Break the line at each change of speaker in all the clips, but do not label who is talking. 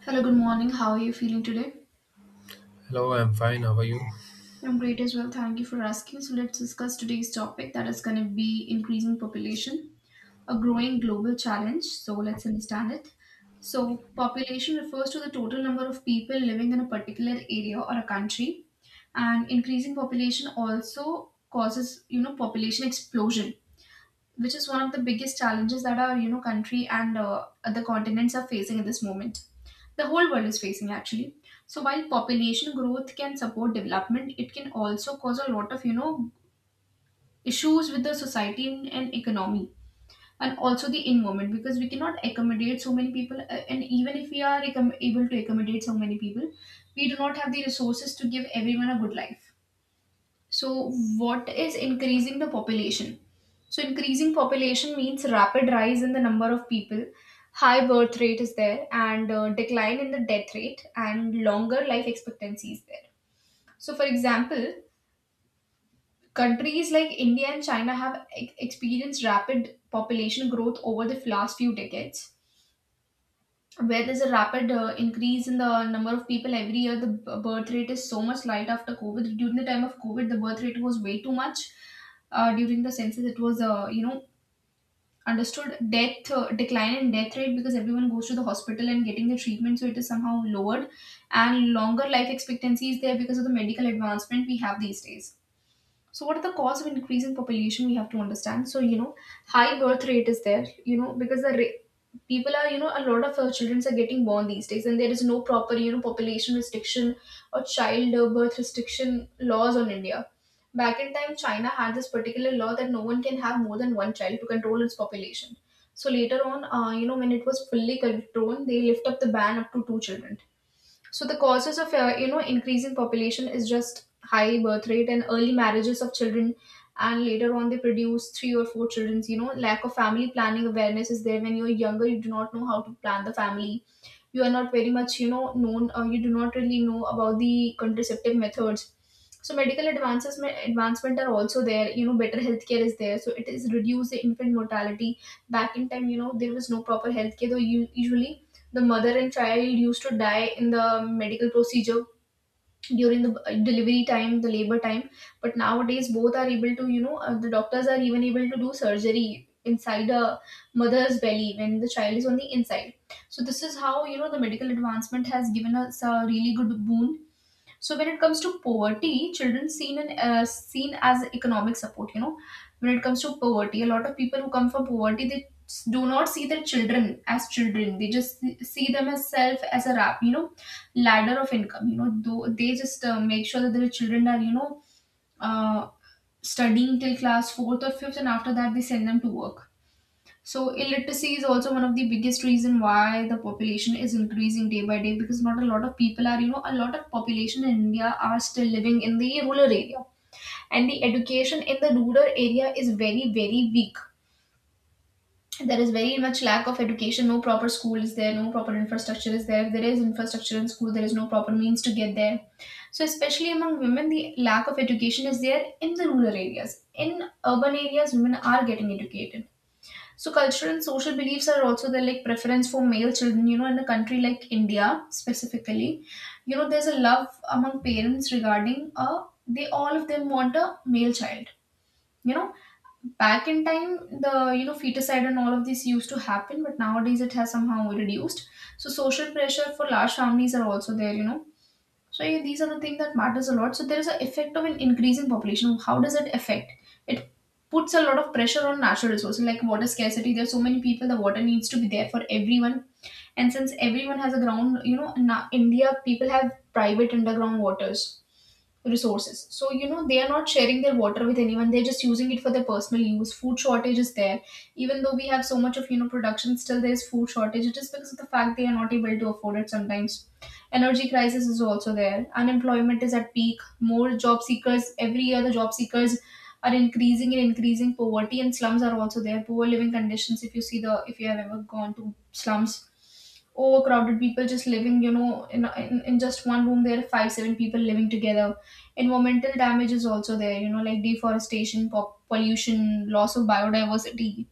Hello, good morning. How are you feeling today?
Hello, I'm fine. How are you?
I'm great as well. Thank you for asking. So, let's discuss today's topic that is going to be increasing population, a growing global challenge. So, let's understand it. So, population refers to the total number of people living in a particular area or a country, and increasing population also causes population explosion which is one of the biggest challenges that our country and other continents are facing at this moment. The whole world is facing actually. So while population growth can support development, it can also cause a lot of issues with the society and economy and also the environment because we cannot accommodate so many people, and even if we are able to accommodate so many people, we do not have the resources to give everyone a good life. So, what is increasing the population? So, increasing population means rapid rise in the number of people, high birth rate is there, and decline in the death rate, and longer life expectancy is there. So, for example, countries like India and China have experienced rapid population growth over the last few decades, where there's a rapid increase in the number of people every year. The birth rate is so much light after COVID. During the time of COVID, the birth rate was way too much. During the census, it was, understood, death decline in death rate because everyone goes to the hospital and getting the treatment, so it is somehow lowered. And longer life expectancy is there because of the medical advancement we have these days. So what are the cause of increase in population? We have to understand. So, high birth rate is there, because people are, a lot of children are getting born these days, and there is no proper population restriction or child birth restriction laws on India. Back in time, China had this particular law that no one can have more than one child to control its population. So later on, when it was fully controlled, they lift up the ban up to two children. So the causes of increasing population is just high birth rate and early marriages of children, and later on they produce three or four children. You know, lack of family planning awareness is there when you're younger. You do not know how to plan the family. You are not very much known, or you do not really know about the contraceptive methods. So medical advances advancement are also there. You know better healthcare is there, so it is reduce the infant mortality. Back in time, there was no proper healthcare, though. You usually, the mother and child used to die in the medical procedure during the delivery time, the labor time. But nowadays both are able to, the doctors are even able to do surgery inside a mother's belly when the child is on the inside. So this is how, the medical advancement has given us a really good boon. So when it comes to poverty, children seen as economic support. You know, when it comes to poverty, a lot of people who come from poverty, they do not see their children as children. They just see them as self as a wrap, You know, ladder of income. You know, though they just make sure that their children are uh, studying till class fourth or fifth, and after that they send them to work. So illiteracy is also one of the biggest reason why the population is increasing day by day, because not a lot of people are, a lot of population in India are still living in the rural area. And the education in the rural area is very, very weak. There is very much lack of education, no proper school is there, no proper infrastructure is there. If there is infrastructure in school, there is no proper means to get there. So, especially among women, the lack of education is there in the rural areas. In urban areas, women are getting educated. So cultural and social beliefs are also there, like preference for male children. In a country like India specifically, there's a love among parents regarding they all of them want a male child. You know, back in time, the feticide and all of this used to happen, but nowadays it has somehow reduced. So social pressure for large families are also there. So yeah, these are the things that matters a lot. So there is an effect of an increasing population. How does it affect? It puts a lot of pressure on natural resources like water scarcity. There's so many people. The water needs to be there for everyone, and since everyone has a ground, in India people have private underground waters resources, so they are not sharing their water with anyone, they're just using it for their personal use. Food shortage is there, even though we have so much of production. Still there's food shortage. It is because of the fact they are not able to afford it sometimes. Energy crisis is also there. Unemployment is at peak. More job seekers every year. The job seekers are increasing and increasing. Poverty and slums are also there. Poor living conditions. If you have ever gone to slums, overcrowded people just living, in just one room, there are five, seven people living together. Environmental damage is also there, like deforestation, pollution, loss of biodiversity.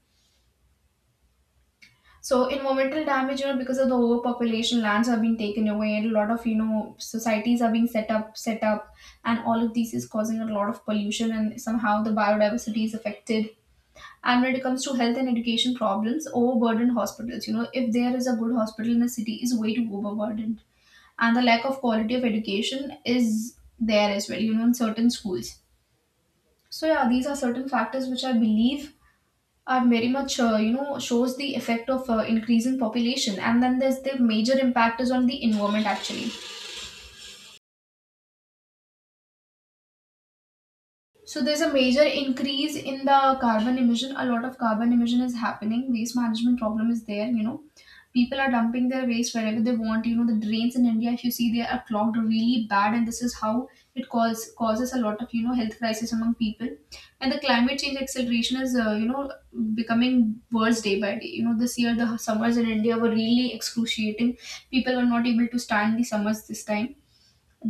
So environmental damage, because of the overpopulation, lands have been taken away, and a lot of societies are being set up, and all of these is causing a lot of pollution, and somehow the biodiversity is affected. And when it comes to health and education problems, overburdened hospitals, if there is a good hospital in a city, is way too overburdened. And the lack of quality of education is there as well, in certain schools. So yeah, these are certain factors which I believe are very much, shows the effect of increasing population. And then there's the major impact is on the environment actually. So there's a major increase in the carbon emission. A lot of carbon emission is happening. Waste management problem is there. People are dumping their waste wherever they want. The drains in India, if you see, they are clogged really bad, and this is how it causes a lot of health crisis among people. And the climate change acceleration is, becoming worse day by day. This year the summers in India were really excruciating. People were not able to stand the summers this time.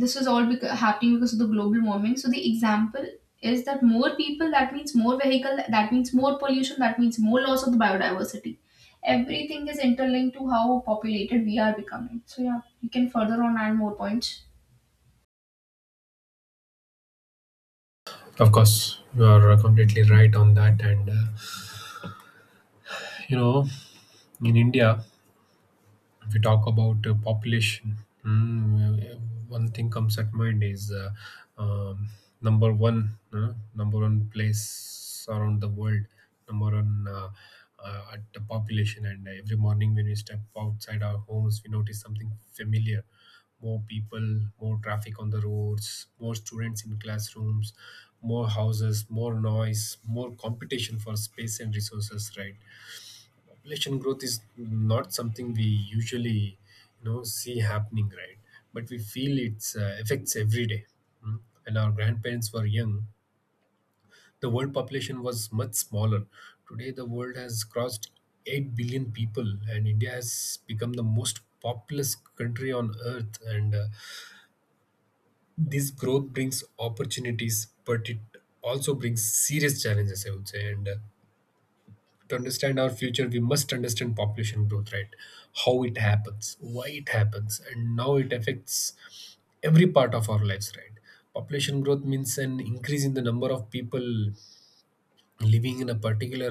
This was all happening because of the global warming. So the example is that more people, that means more vehicle, that means more pollution, that means more loss of the biodiversity. Everything is interlinked to how populated we are becoming. So yeah, you can further on add more points.
Of course, you are completely right on that. You know, in India, if we talk about population, mm, uh, one thing comes at mind is um, number one place around the world, number one at the population. And every morning when we step outside our homes, we notice something familiar. More people, more traffic on the roads, more students in classrooms, more houses, more noise, more competition for space and resources, right? Population growth is not something we usually, you know, see happening, right? But we feel its effects every day. Mm. When our grandparents were young, the world population was much smaller. Today the world has crossed 8 billion people, and india has become the most populous country on earth, and this growth brings opportunities, but it also brings serious challenges, I would say. And To understand our future, we must understand population growth, right? How it happens, why it happens, and now it affects every part of our lives, right? Population growth means an increase in the number of people living in a particular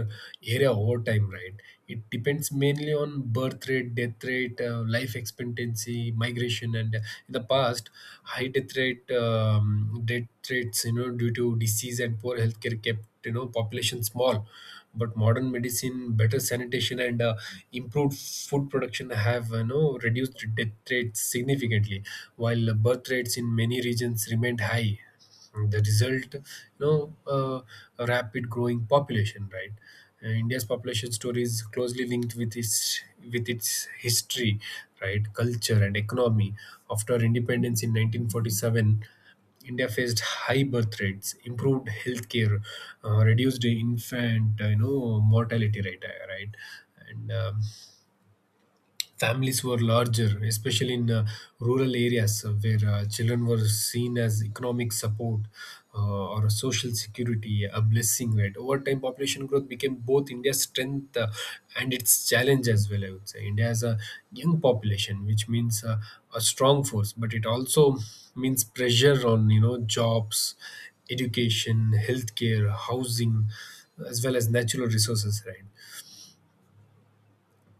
area over time, right? It depends mainly on birth rate, death rate, life expectancy, migration, and in the past high death rate, death rates, you know, due to disease and poor healthcare kept, you know, population small. But modern medicine, better sanitation, and improved food production have, you know, reduced death rates significantly, while birth rates in many regions remained high. The result, know uh, a rapid growing population, right? India's population story is closely linked with its history, right, culture and economy. After independence in 1947, India faced high birth rates, improved healthcare, reduced infant, you know, mortality rate, right, and families were larger, especially in rural areas where children were seen as economic support, or social security, a blessing, right? Over time, population growth became both India's strength and its challenge as well, I would say. India has a young population, which means a strong force, but it also means pressure on, you know, jobs, education, healthcare, housing, as well as natural resources, right?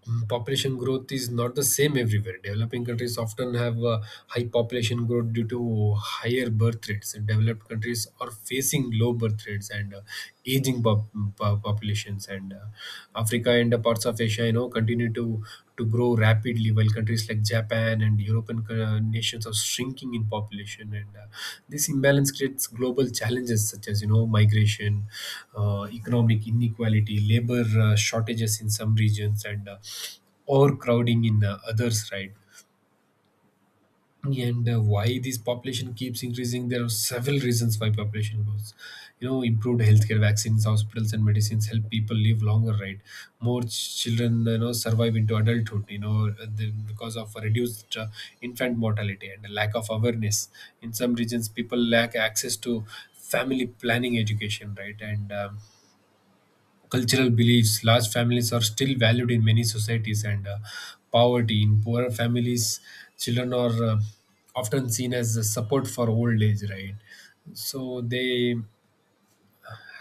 Population growth is not the same everywhere. Developing countries often have high population growth due to higher birth rates. Developed countries are facing low birth rates and aging populations. And Africa and parts of Asia, you know, continue to grow rapidly, while countries like Japan and European co- nations are shrinking in population, and this imbalance creates global challenges, such as, you know, migration, economic inequality, labor shortages in some regions, and overcrowding in others, right? and Why this population keeps increasing? There are several reasons why population grows, you know. Improved healthcare, vaccines, hospitals and medicines help people live longer, right? More children, you know, survive into adulthood, you know, because of reduced infant mortality and lack of awareness. In some regions people lack access to family planning education, right? and Cultural beliefs. Large families are still valued in many societies, and poverty. In poorer families, children are often seen as a support for old age, right? So they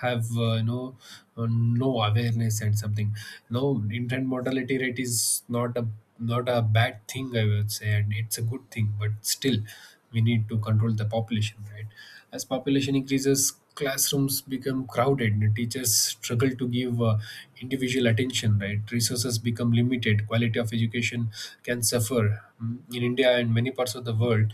have, no awareness and something. No, infant mortality rate is not a not a bad thing, I would say, and it's a good thing, but still we need to control the population, right? As population increases, classrooms become crowded and teachers struggle to give individual attention, right? Resources become limited, quality of education can suffer. In india and many parts of the world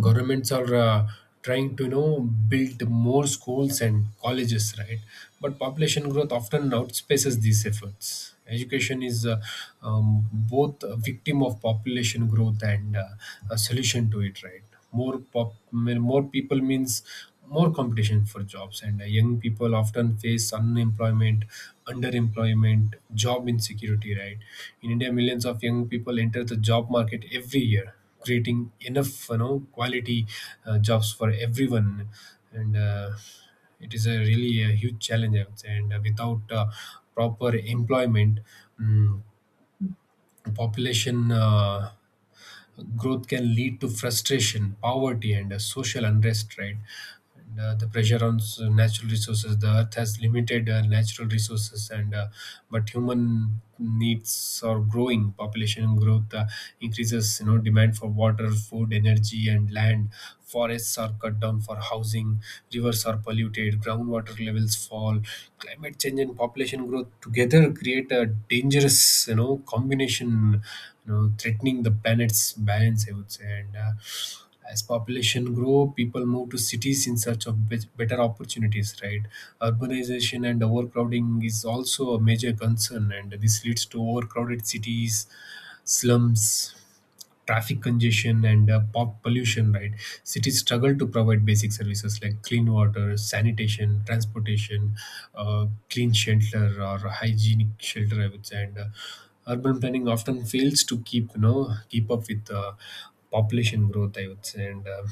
governments are trying to, you know, build more schools and colleges, right? But population growth often outspaces these efforts. Education is, both a victim of population growth and a solution to it, right? More people means more competition for jobs, and young people often face unemployment, underemployment, job insecurity, right? In india, millions of young people enter the job market every year. Creating enough, you know, quality jobs for everyone and it is a really a huge challenge, I would say. And without proper employment, mm population growth can lead to frustration, poverty, and social unrest, right? And the pressure on s- natural resources. The earth has limited natural resources, and but human needs are growing. Population growth increases, you know, demand for water, food, energy, and land. Forests are cut down for housing. Rivers are polluted. Groundwater levels fall. Climate change and population growth together create a dangerous, you know, combination, you know, threatening the planet's balance, I would say. And As population grow, people move to cities in search of better opportunities, right? Urbanization and overcrowding is also a major concern, and this leads to overcrowded cities, slums, traffic congestion and pop pollution, right? Cities struggle to provide basic services like clean water, sanitation, transportation, clean shelter or hygienic shelter, I would say, and urban planning often fails to keep you know keep up with population growth, I would say, and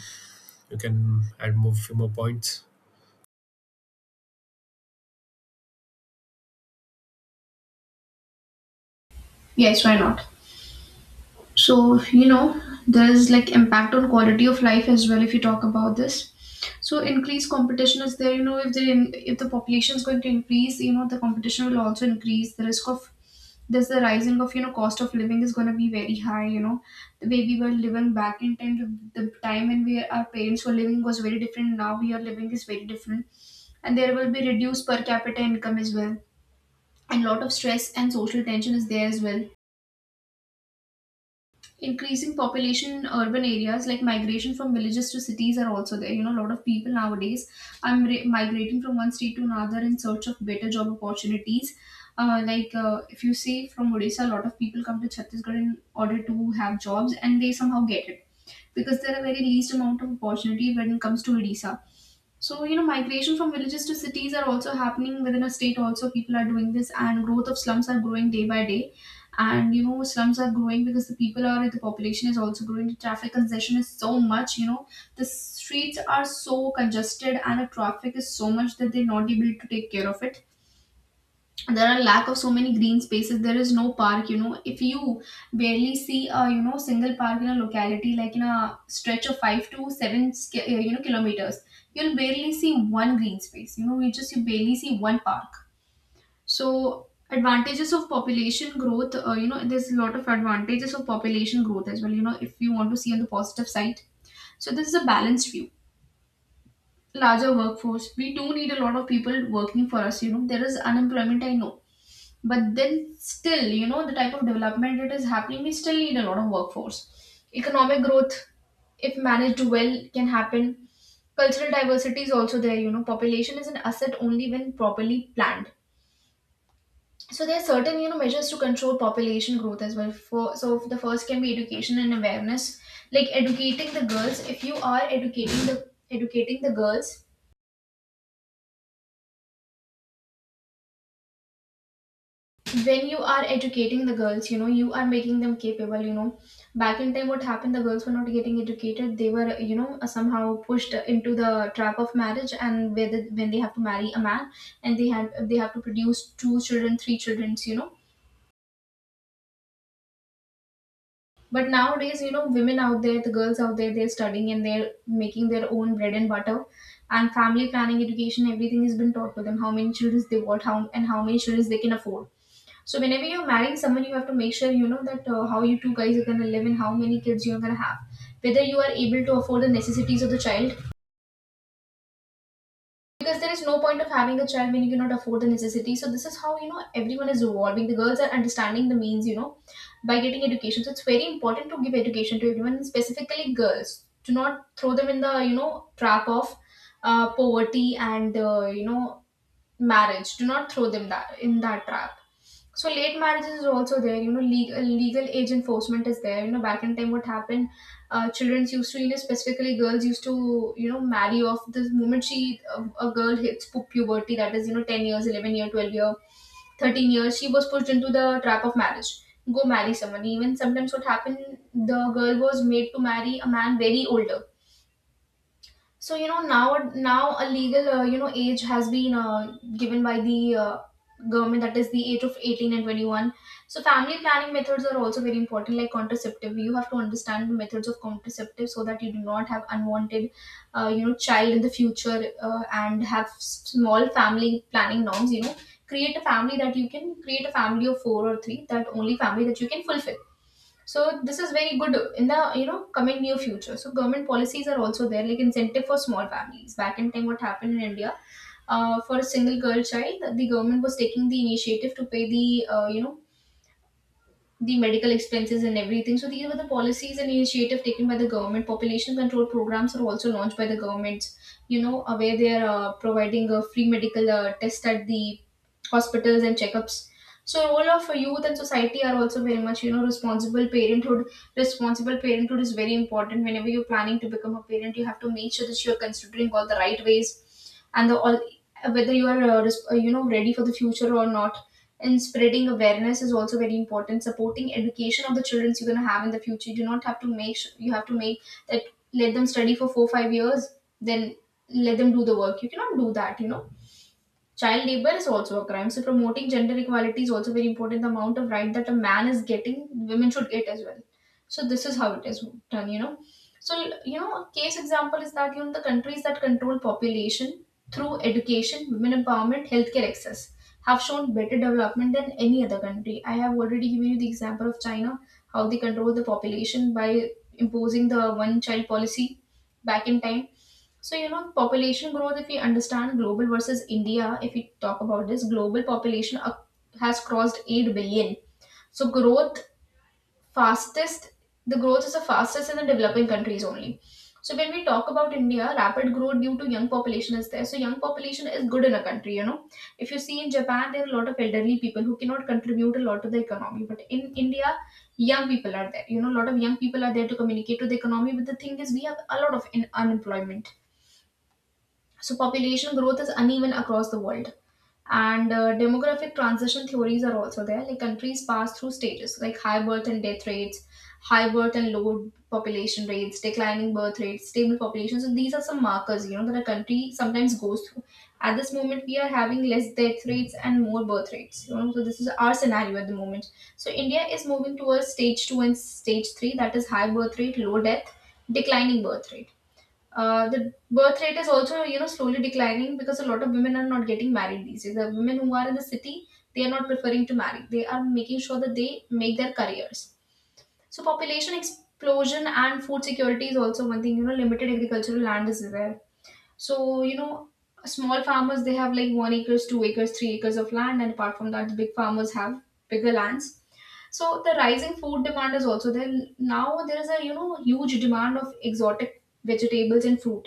you can add more few more points.
Yes, why not? So, there's like impact on quality of life as well. If you talk about this, so increased competition is there. If the population is going to increase, the competition will also increase the risk of. There's the rising of, cost of living is going to be very high. The way we were living back in time, the time when we our parents were living was very different. Now we are living is very different, and there will be reduced per capita income as well, and lot of stress and social tension is there as well. Increasing population in urban areas, like migration from villages to cities are also there. A lot of people nowadays are migrating from one state to another in search of better job opportunities. Like if you see from Odisha, a lot of people come to Chhattisgarh in order to have jobs, and they somehow get it, because there are very least amount of opportunity when it comes to Odisha. So, migration from villages to cities are also happening within a state also. People are doing this and growth of slums are growing day by day. And, slums are growing because the population is also growing. The traffic congestion is so much, the streets are so congested and the traffic is so much that they're not able to take care of it. There are lack of so many green spaces. There is no park. If you barely see a single park in a locality, like in a stretch of 5 to 7 kilometers, you'll barely see one green space. You barely see one park. So advantages of population growth, there's a lot of advantages of population growth as well, if you want to see on the positive side. So this is a balanced view. Larger workforce, we do need a lot of people working for us. There is unemployment, I know, but then still, the type of development that is happening, we still need a lot of workforce. Economic growth, if managed well, can happen. Cultural diversity is also there. Population is an asset only when properly planned. So there are certain, measures to control population growth as well. For so the first can be education and awareness, like educating the girls. If you are educating the girls When you are educating the girls, you are making them capable. Back in time, what happened, the girls were not getting educated. They were somehow pushed into the trap of marriage. And whether when they have to marry a man, and they had they have to produce two children, three children. But nowadays, women out there, the girls out there, they're studying and they're making their own bread and butter. And family planning education, everything has been taught to them: how many children they want, how many children they can afford. So whenever you're marrying someone, you have to make sure, that how you two guys are gonna live and how many kids you're gonna have, whether you are able to afford the necessities of the child. Because there is no point of having a child when you cannot afford the necessities. So this is how, everyone is evolving. The girls are understanding the means, by getting education. So it's very important to give education to everyone, and specifically girls. Do not throw them in the trap of poverty and marriage. Do not throw them that in that trap. So late marriages is also there. Legal age enforcement is there. Back in time, what happened, children used to, specifically girls used to marry off the moment she a girl hits puberty, that is, 10 years, 11 year, 12 year, 13 years, she was pushed into the trap of marriage. Go marry someone. Even sometimes what happened, the girl was made to marry a man very older. So now a legal age has been given by the government, that is the age of 18 and 21. So family planning methods are also very important, like contraceptive. You have to understand the methods of contraceptive so that you do not have unwanted child in the future, and have small family planning norms, you know. Create a family that you can, create a family of four or three, that only family that you can fulfill. So this is very good in the coming near future. So government policies are also there, like incentive for small families. Back in time, what happened in India, for a single girl child, the government was taking the initiative to pay the the medical expenses and everything. So these were the policies and initiative taken by the government. Population control programs are also launched by the governments. Where they are providing a free medical test at the hospitals and checkups. So role of youth and society are also very much, responsible parenthood. Responsible parenthood is very important. Whenever you're planning to become a parent, you have to make sure that you are considering all the right ways and the all, whether you are ready for the future or not. And spreading awareness is also very important, supporting education of the children you're going to have in the future. You do not have to you have to make that, let them study for 4 5 years, then let them do the work. You cannot do that, you know. Child labor is also a crime. So promoting gender equality is also very important. The amount of right that a man is getting, women should get as well. So this is how it is done, you know. So a case example is that, the countries that control population through education, women empowerment, healthcare access have shown better development than any other country. I have already given you the example of China, how they control the population by imposing the one child policy back in time. So, population growth, if we understand global versus India, if we talk about this, global population has crossed 8 billion. So, fastest, the growth is the fastest in the developing countries only. So, when we talk about India, rapid growth due to young population is there. So, young population is good in a country, you know. If you see in Japan, there are a lot of elderly people who cannot contribute a lot to the economy. But in India, young people are there. A lot of young people are there to communicate to the economy. But the thing is, we have a lot of unemployment. So population growth is uneven across the world. And demographic transition theories are also there. Like countries pass through stages like high birth and death rates, high birth and low population rates, declining birth rates, stable population. So these are some markers, that a country sometimes goes through. At this moment, we are having less death rates and more birth rates. You know, so this is our scenario at the moment. So India is moving towards stage two and stage three, that is high birth rate, low death, declining birth rate. The birth rate is also, slowly declining because a lot of women are not getting married these days. The women who are in the city, they are not preferring to marry. They are making sure that they make their careers. So population explosion and food security is also one thing. You know, limited agricultural land is there. So, small farmers, they have like 1 acres, 2 acres, 3 acres of land, and apart from that, the big farmers have bigger lands. So the rising food demand is also there. Now there is a, huge demand of exotic vegetables and fruit.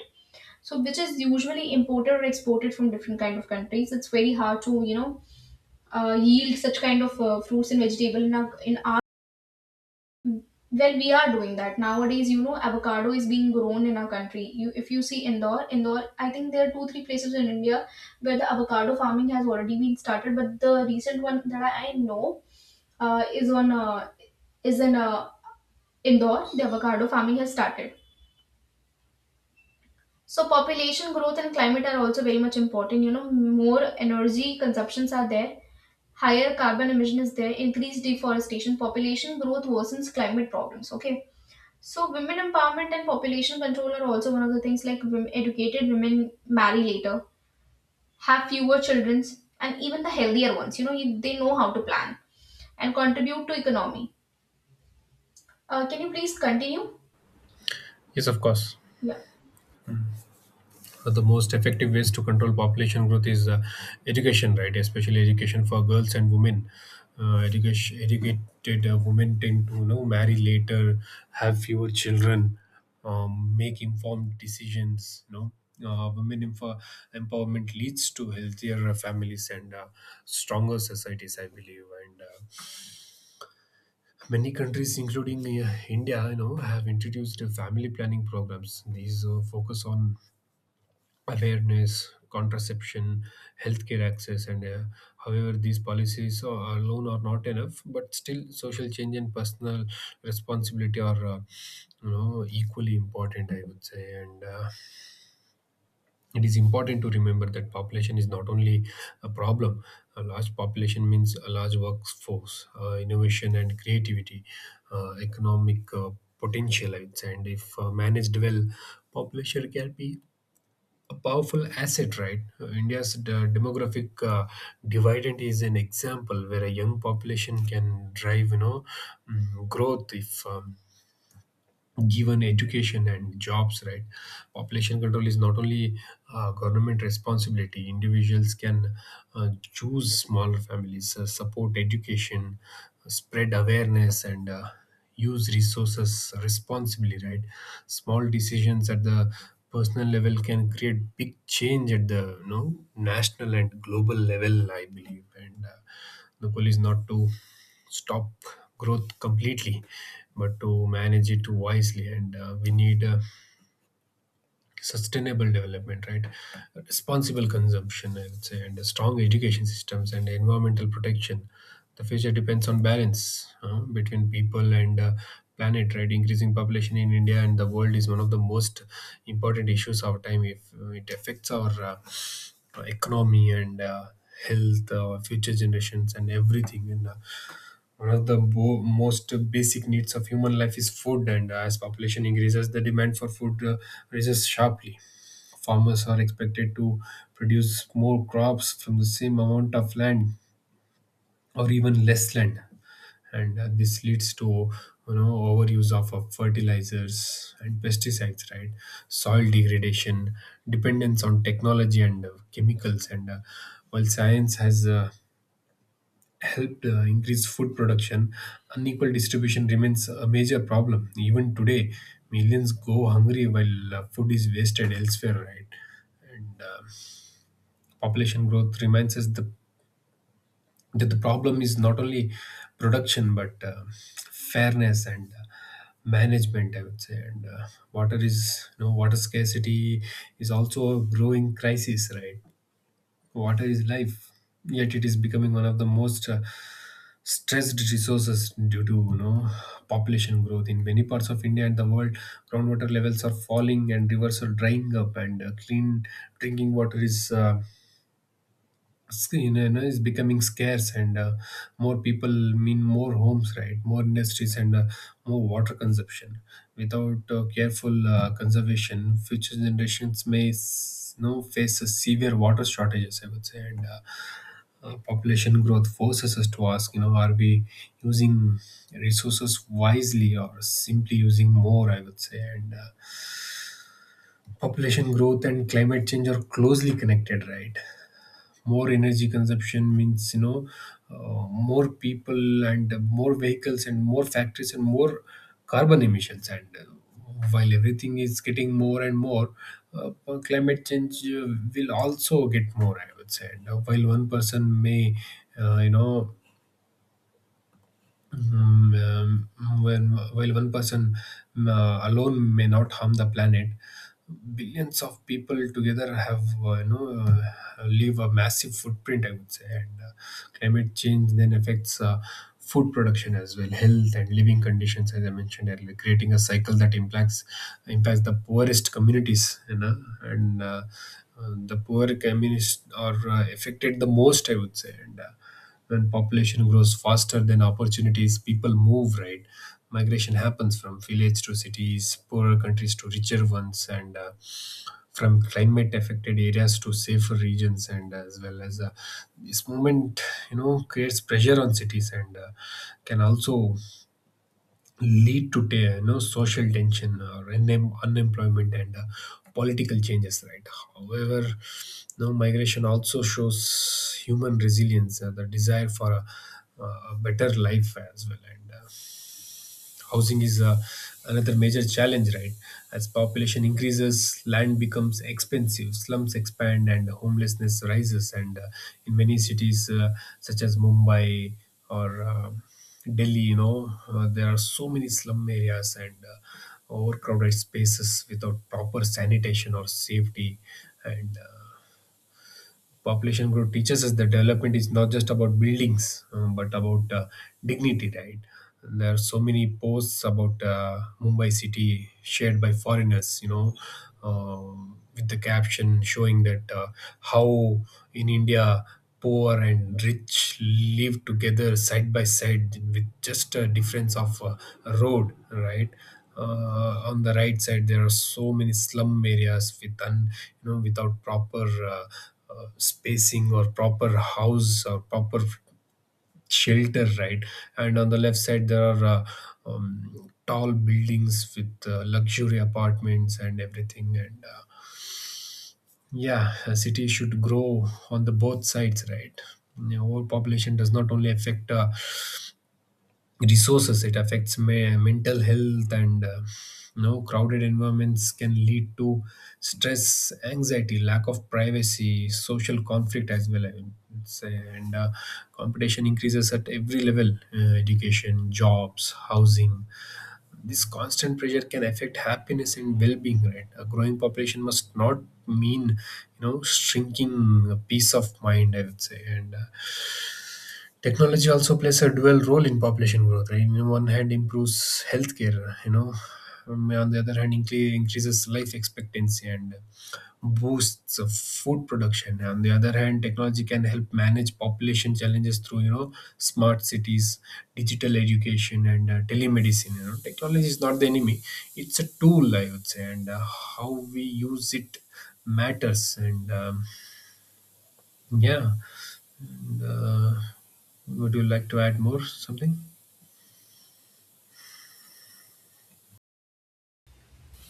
So which is usually imported or exported from different kind of countries. It's very hard to yield such kind of fruits and vegetable in our, well, we are doing that nowadays. You know, avocado is being grown in our country. If you see Indore, I think there are two, three places in India where the avocado farming has already been started. But the recent one that I know uh, is on uh, is in Indore. The avocado farming has started. So population growth and climate are also very much important. You know, more energy consumptions are there, higher carbon emission is there, increased deforestation, population growth worsens climate problems. Okay. So, women empowerment and population control are also one of the things, like women, educated women marry later, have fewer children, and even the healthier ones. They know how to plan and contribute to economy. Can you please continue?
Yes, of course.
Yeah.
The most effective ways to control population growth is education, right? Especially education for girls and women. Educated women tend to, you know, marry later, have fewer children, make informed decisions. You know, women empowerment leads to healthier families and stronger societies, I believe. And Many countries, including India, you know, have introduced family planning programs. These focus on awareness, contraception, healthcare access, and however, these policies alone are not enough. But still, social change and personal responsibility are, you know, equally important, I would say, and it is important to remember that population is not only a problem. A large population means a large workforce, innovation and creativity, economic potential, I would say, and if managed well, population can be a powerful asset, right? India's demographic dividend is an example where a young population can drive, you know, growth if, given education and jobs, right? Population control is not only government responsibility. Individuals can choose smaller families, support education, spread awareness, and use resources responsibly, right? Small decisions at the personal level can create big change at the, you know, national and global level, I believe, and the goal is not to stop growth completely, but to manage it wisely. And We need sustainable development, right? Responsible consumption, I would say, and strong education systems and environmental protection. The future depends on balance between people and planet, right? Increasing population in India and the world is one of the most important issues of our time. If it affects our economy and health, future generations, and everything, and one of the most basic needs of human life is food. And as population increases, the demand for food rises sharply. Farmers are expected to produce more crops from the same amount of land or even less land, and this leads to, you know, overuse of fertilizers and pesticides, right, soil degradation, dependence on technology and chemicals, and while science has helped increase food production, unequal distribution remains a major problem. Even today, millions go hungry while food is wasted elsewhere, right? And Population growth reminds us that the problem is not only production but fairness and management, I would say. And Water is, you know, water scarcity is also a growing crisis, right? Water is life, yet it is becoming one of the most stressed resources due to, you know, population growth in many parts of India and the world. Groundwater levels are falling and rivers are drying up, and clean drinking water is, screen, you know, is becoming scarce, and more people mean more homes, right, more industries and more water consumption. Without careful conservation, future generations may you know, face a severe water shortages, I would say, and population growth forces us to ask, you know, are we using resources wisely or simply using more, I would say, and population growth and climate change are closely connected, right? More energy consumption means, you know, more people and more vehicles and more factories and more carbon emissions, and while everything is getting more and more, uh, climate change will also get more, I would say, and while one person may you know Mm, when, while one person, alone may not harm the planet, billions of people together have, you know, leave a massive footprint, I would say, and climate change then affects food production as well, health and living conditions, as I mentioned earlier, creating a cycle that impacts the poorest communities, you know, and the poor communities are affected the most, I would say, and when population grows faster than opportunities, people move, right? Migration happens from village to cities, poorer countries to richer ones, and from climate affected areas to safer regions, and as well as, this movement, you know, creates pressure on cities, and can also lead to you know, social tension or unemployment and political changes, right? However, you know, migration also shows human resilience, the desire for a better life as well, and housing is another major challenge, right? As population increases, land becomes expensive, slums expand, and homelessness rises, and in many cities such as mumbai or delhi, you know, there are so many slum areas and overcrowded spaces without proper sanitation or safety, and population growth teaches us that development is not just about buildings, but about dignity, right? There are so many posts about mumbai city shared by foreigners, you know, with the caption showing that, how in india, poor and rich live together side by side with just a difference of a road, right? On the right side there are so many slum areas with you know, without proper spacing or proper house or proper shelter, right? And on the left side there are, tall buildings with luxury apartments and everything, and yeah, a city should grow on the both sides, right? You know, overpopulation does not only affect resources, it affects mental health, and you know, crowded environments can lead to stress, anxiety, lack of privacy, social conflict as well, I would say, and competition increases at every level, education, jobs, housing. This constant pressure can affect happiness and well-being, right? A growing population must not mean, you know, shrinking peace of mind, I would say, and technology also plays a dual role in population growth, right? On one hand, improves healthcare, you know, on the other hand, increases life expectancy and boosts of food production. On the other hand, technology can help manage population challenges through, you know, smart cities, digital education, and telemedicine. You know, technology is not the enemy; it's a tool, I would say, and how we use it matters. Yeah, and, uh, would you like to add more something?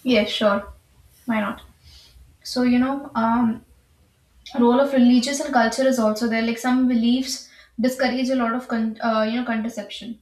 Yes, sure. Why not? So, role of religious and culture is also there, like some beliefs discourage a lot of contraception.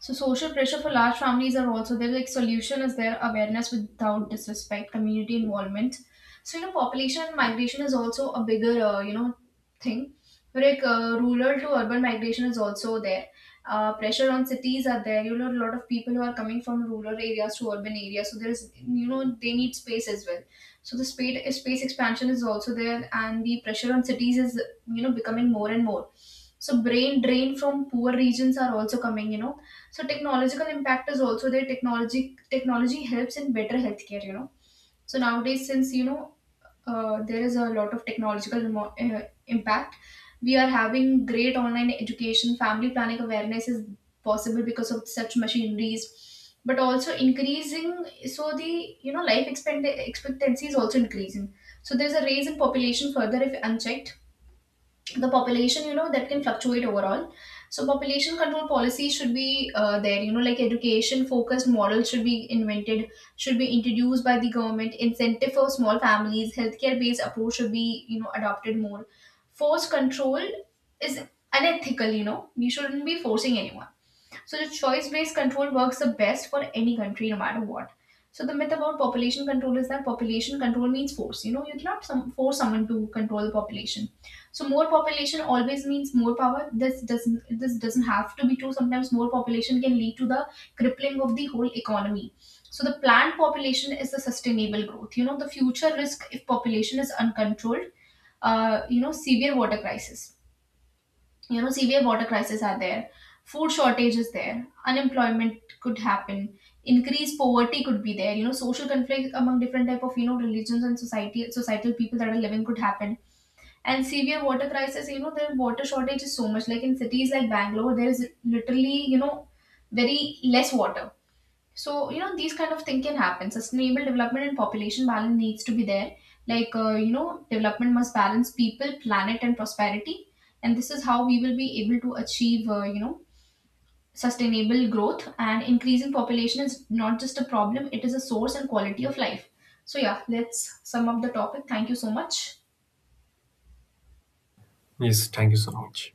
So social pressure for large families are also there, like solution is there, awareness without disrespect, community involvement. So, population and migration is also a bigger, thing, like rural to urban migration is also there. Pressure on cities are there. A lot of people who are coming from rural areas to urban areas, so there is, they need space as well. So the space expansion is also there, and the pressure on cities is, becoming more and more. So brain drain from poor regions are also coming, you know. So technological impact is also there. Technology helps in better healthcare, you know. So nowadays, since, there is a lot of technological impact. We are having great online education, family planning awareness is possible because of such machineries, but also increasing. So the, life expectancy is also increasing. So there's a raise in population further if unchecked, the population, that can fluctuate overall. So population control policy should be there, like education focused models should be invented should be introduced by the government, incentive for small families, healthcare based approach should be, adopted more. Force control is unethical, you know. We shouldn't be forcing anyone. So the choice-based control works the best for any country, no matter what. So the myth about population control is that population control means force. You know, you cannot force someone to control the population. So more population always means more power. This doesn't have to be true. Sometimes more population can lead to the crippling of the whole economy. So the planned population is the sustainable growth. You know, the future risk if population is uncontrolled, severe water crisis, you know severe water crises are there food shortage is there, unemployment could happen, increased poverty could be there, social conflict among different type of, religions and society societal people that are living could happen. And severe water crisis, you know, the water shortage is so much, like in cities like Bangalore, there is literally, you know, very less water. So, you know, these kind of thing can happen. Sustainable development and population balance needs to be there. Like, development must balance people, planet, and prosperity. And this is how we will be able to achieve, sustainable growth. And increasing population is not just a problem, it is a source and quality of life. So, yeah, let's sum up the topic. Thank you so much.
Yes, thank you so much.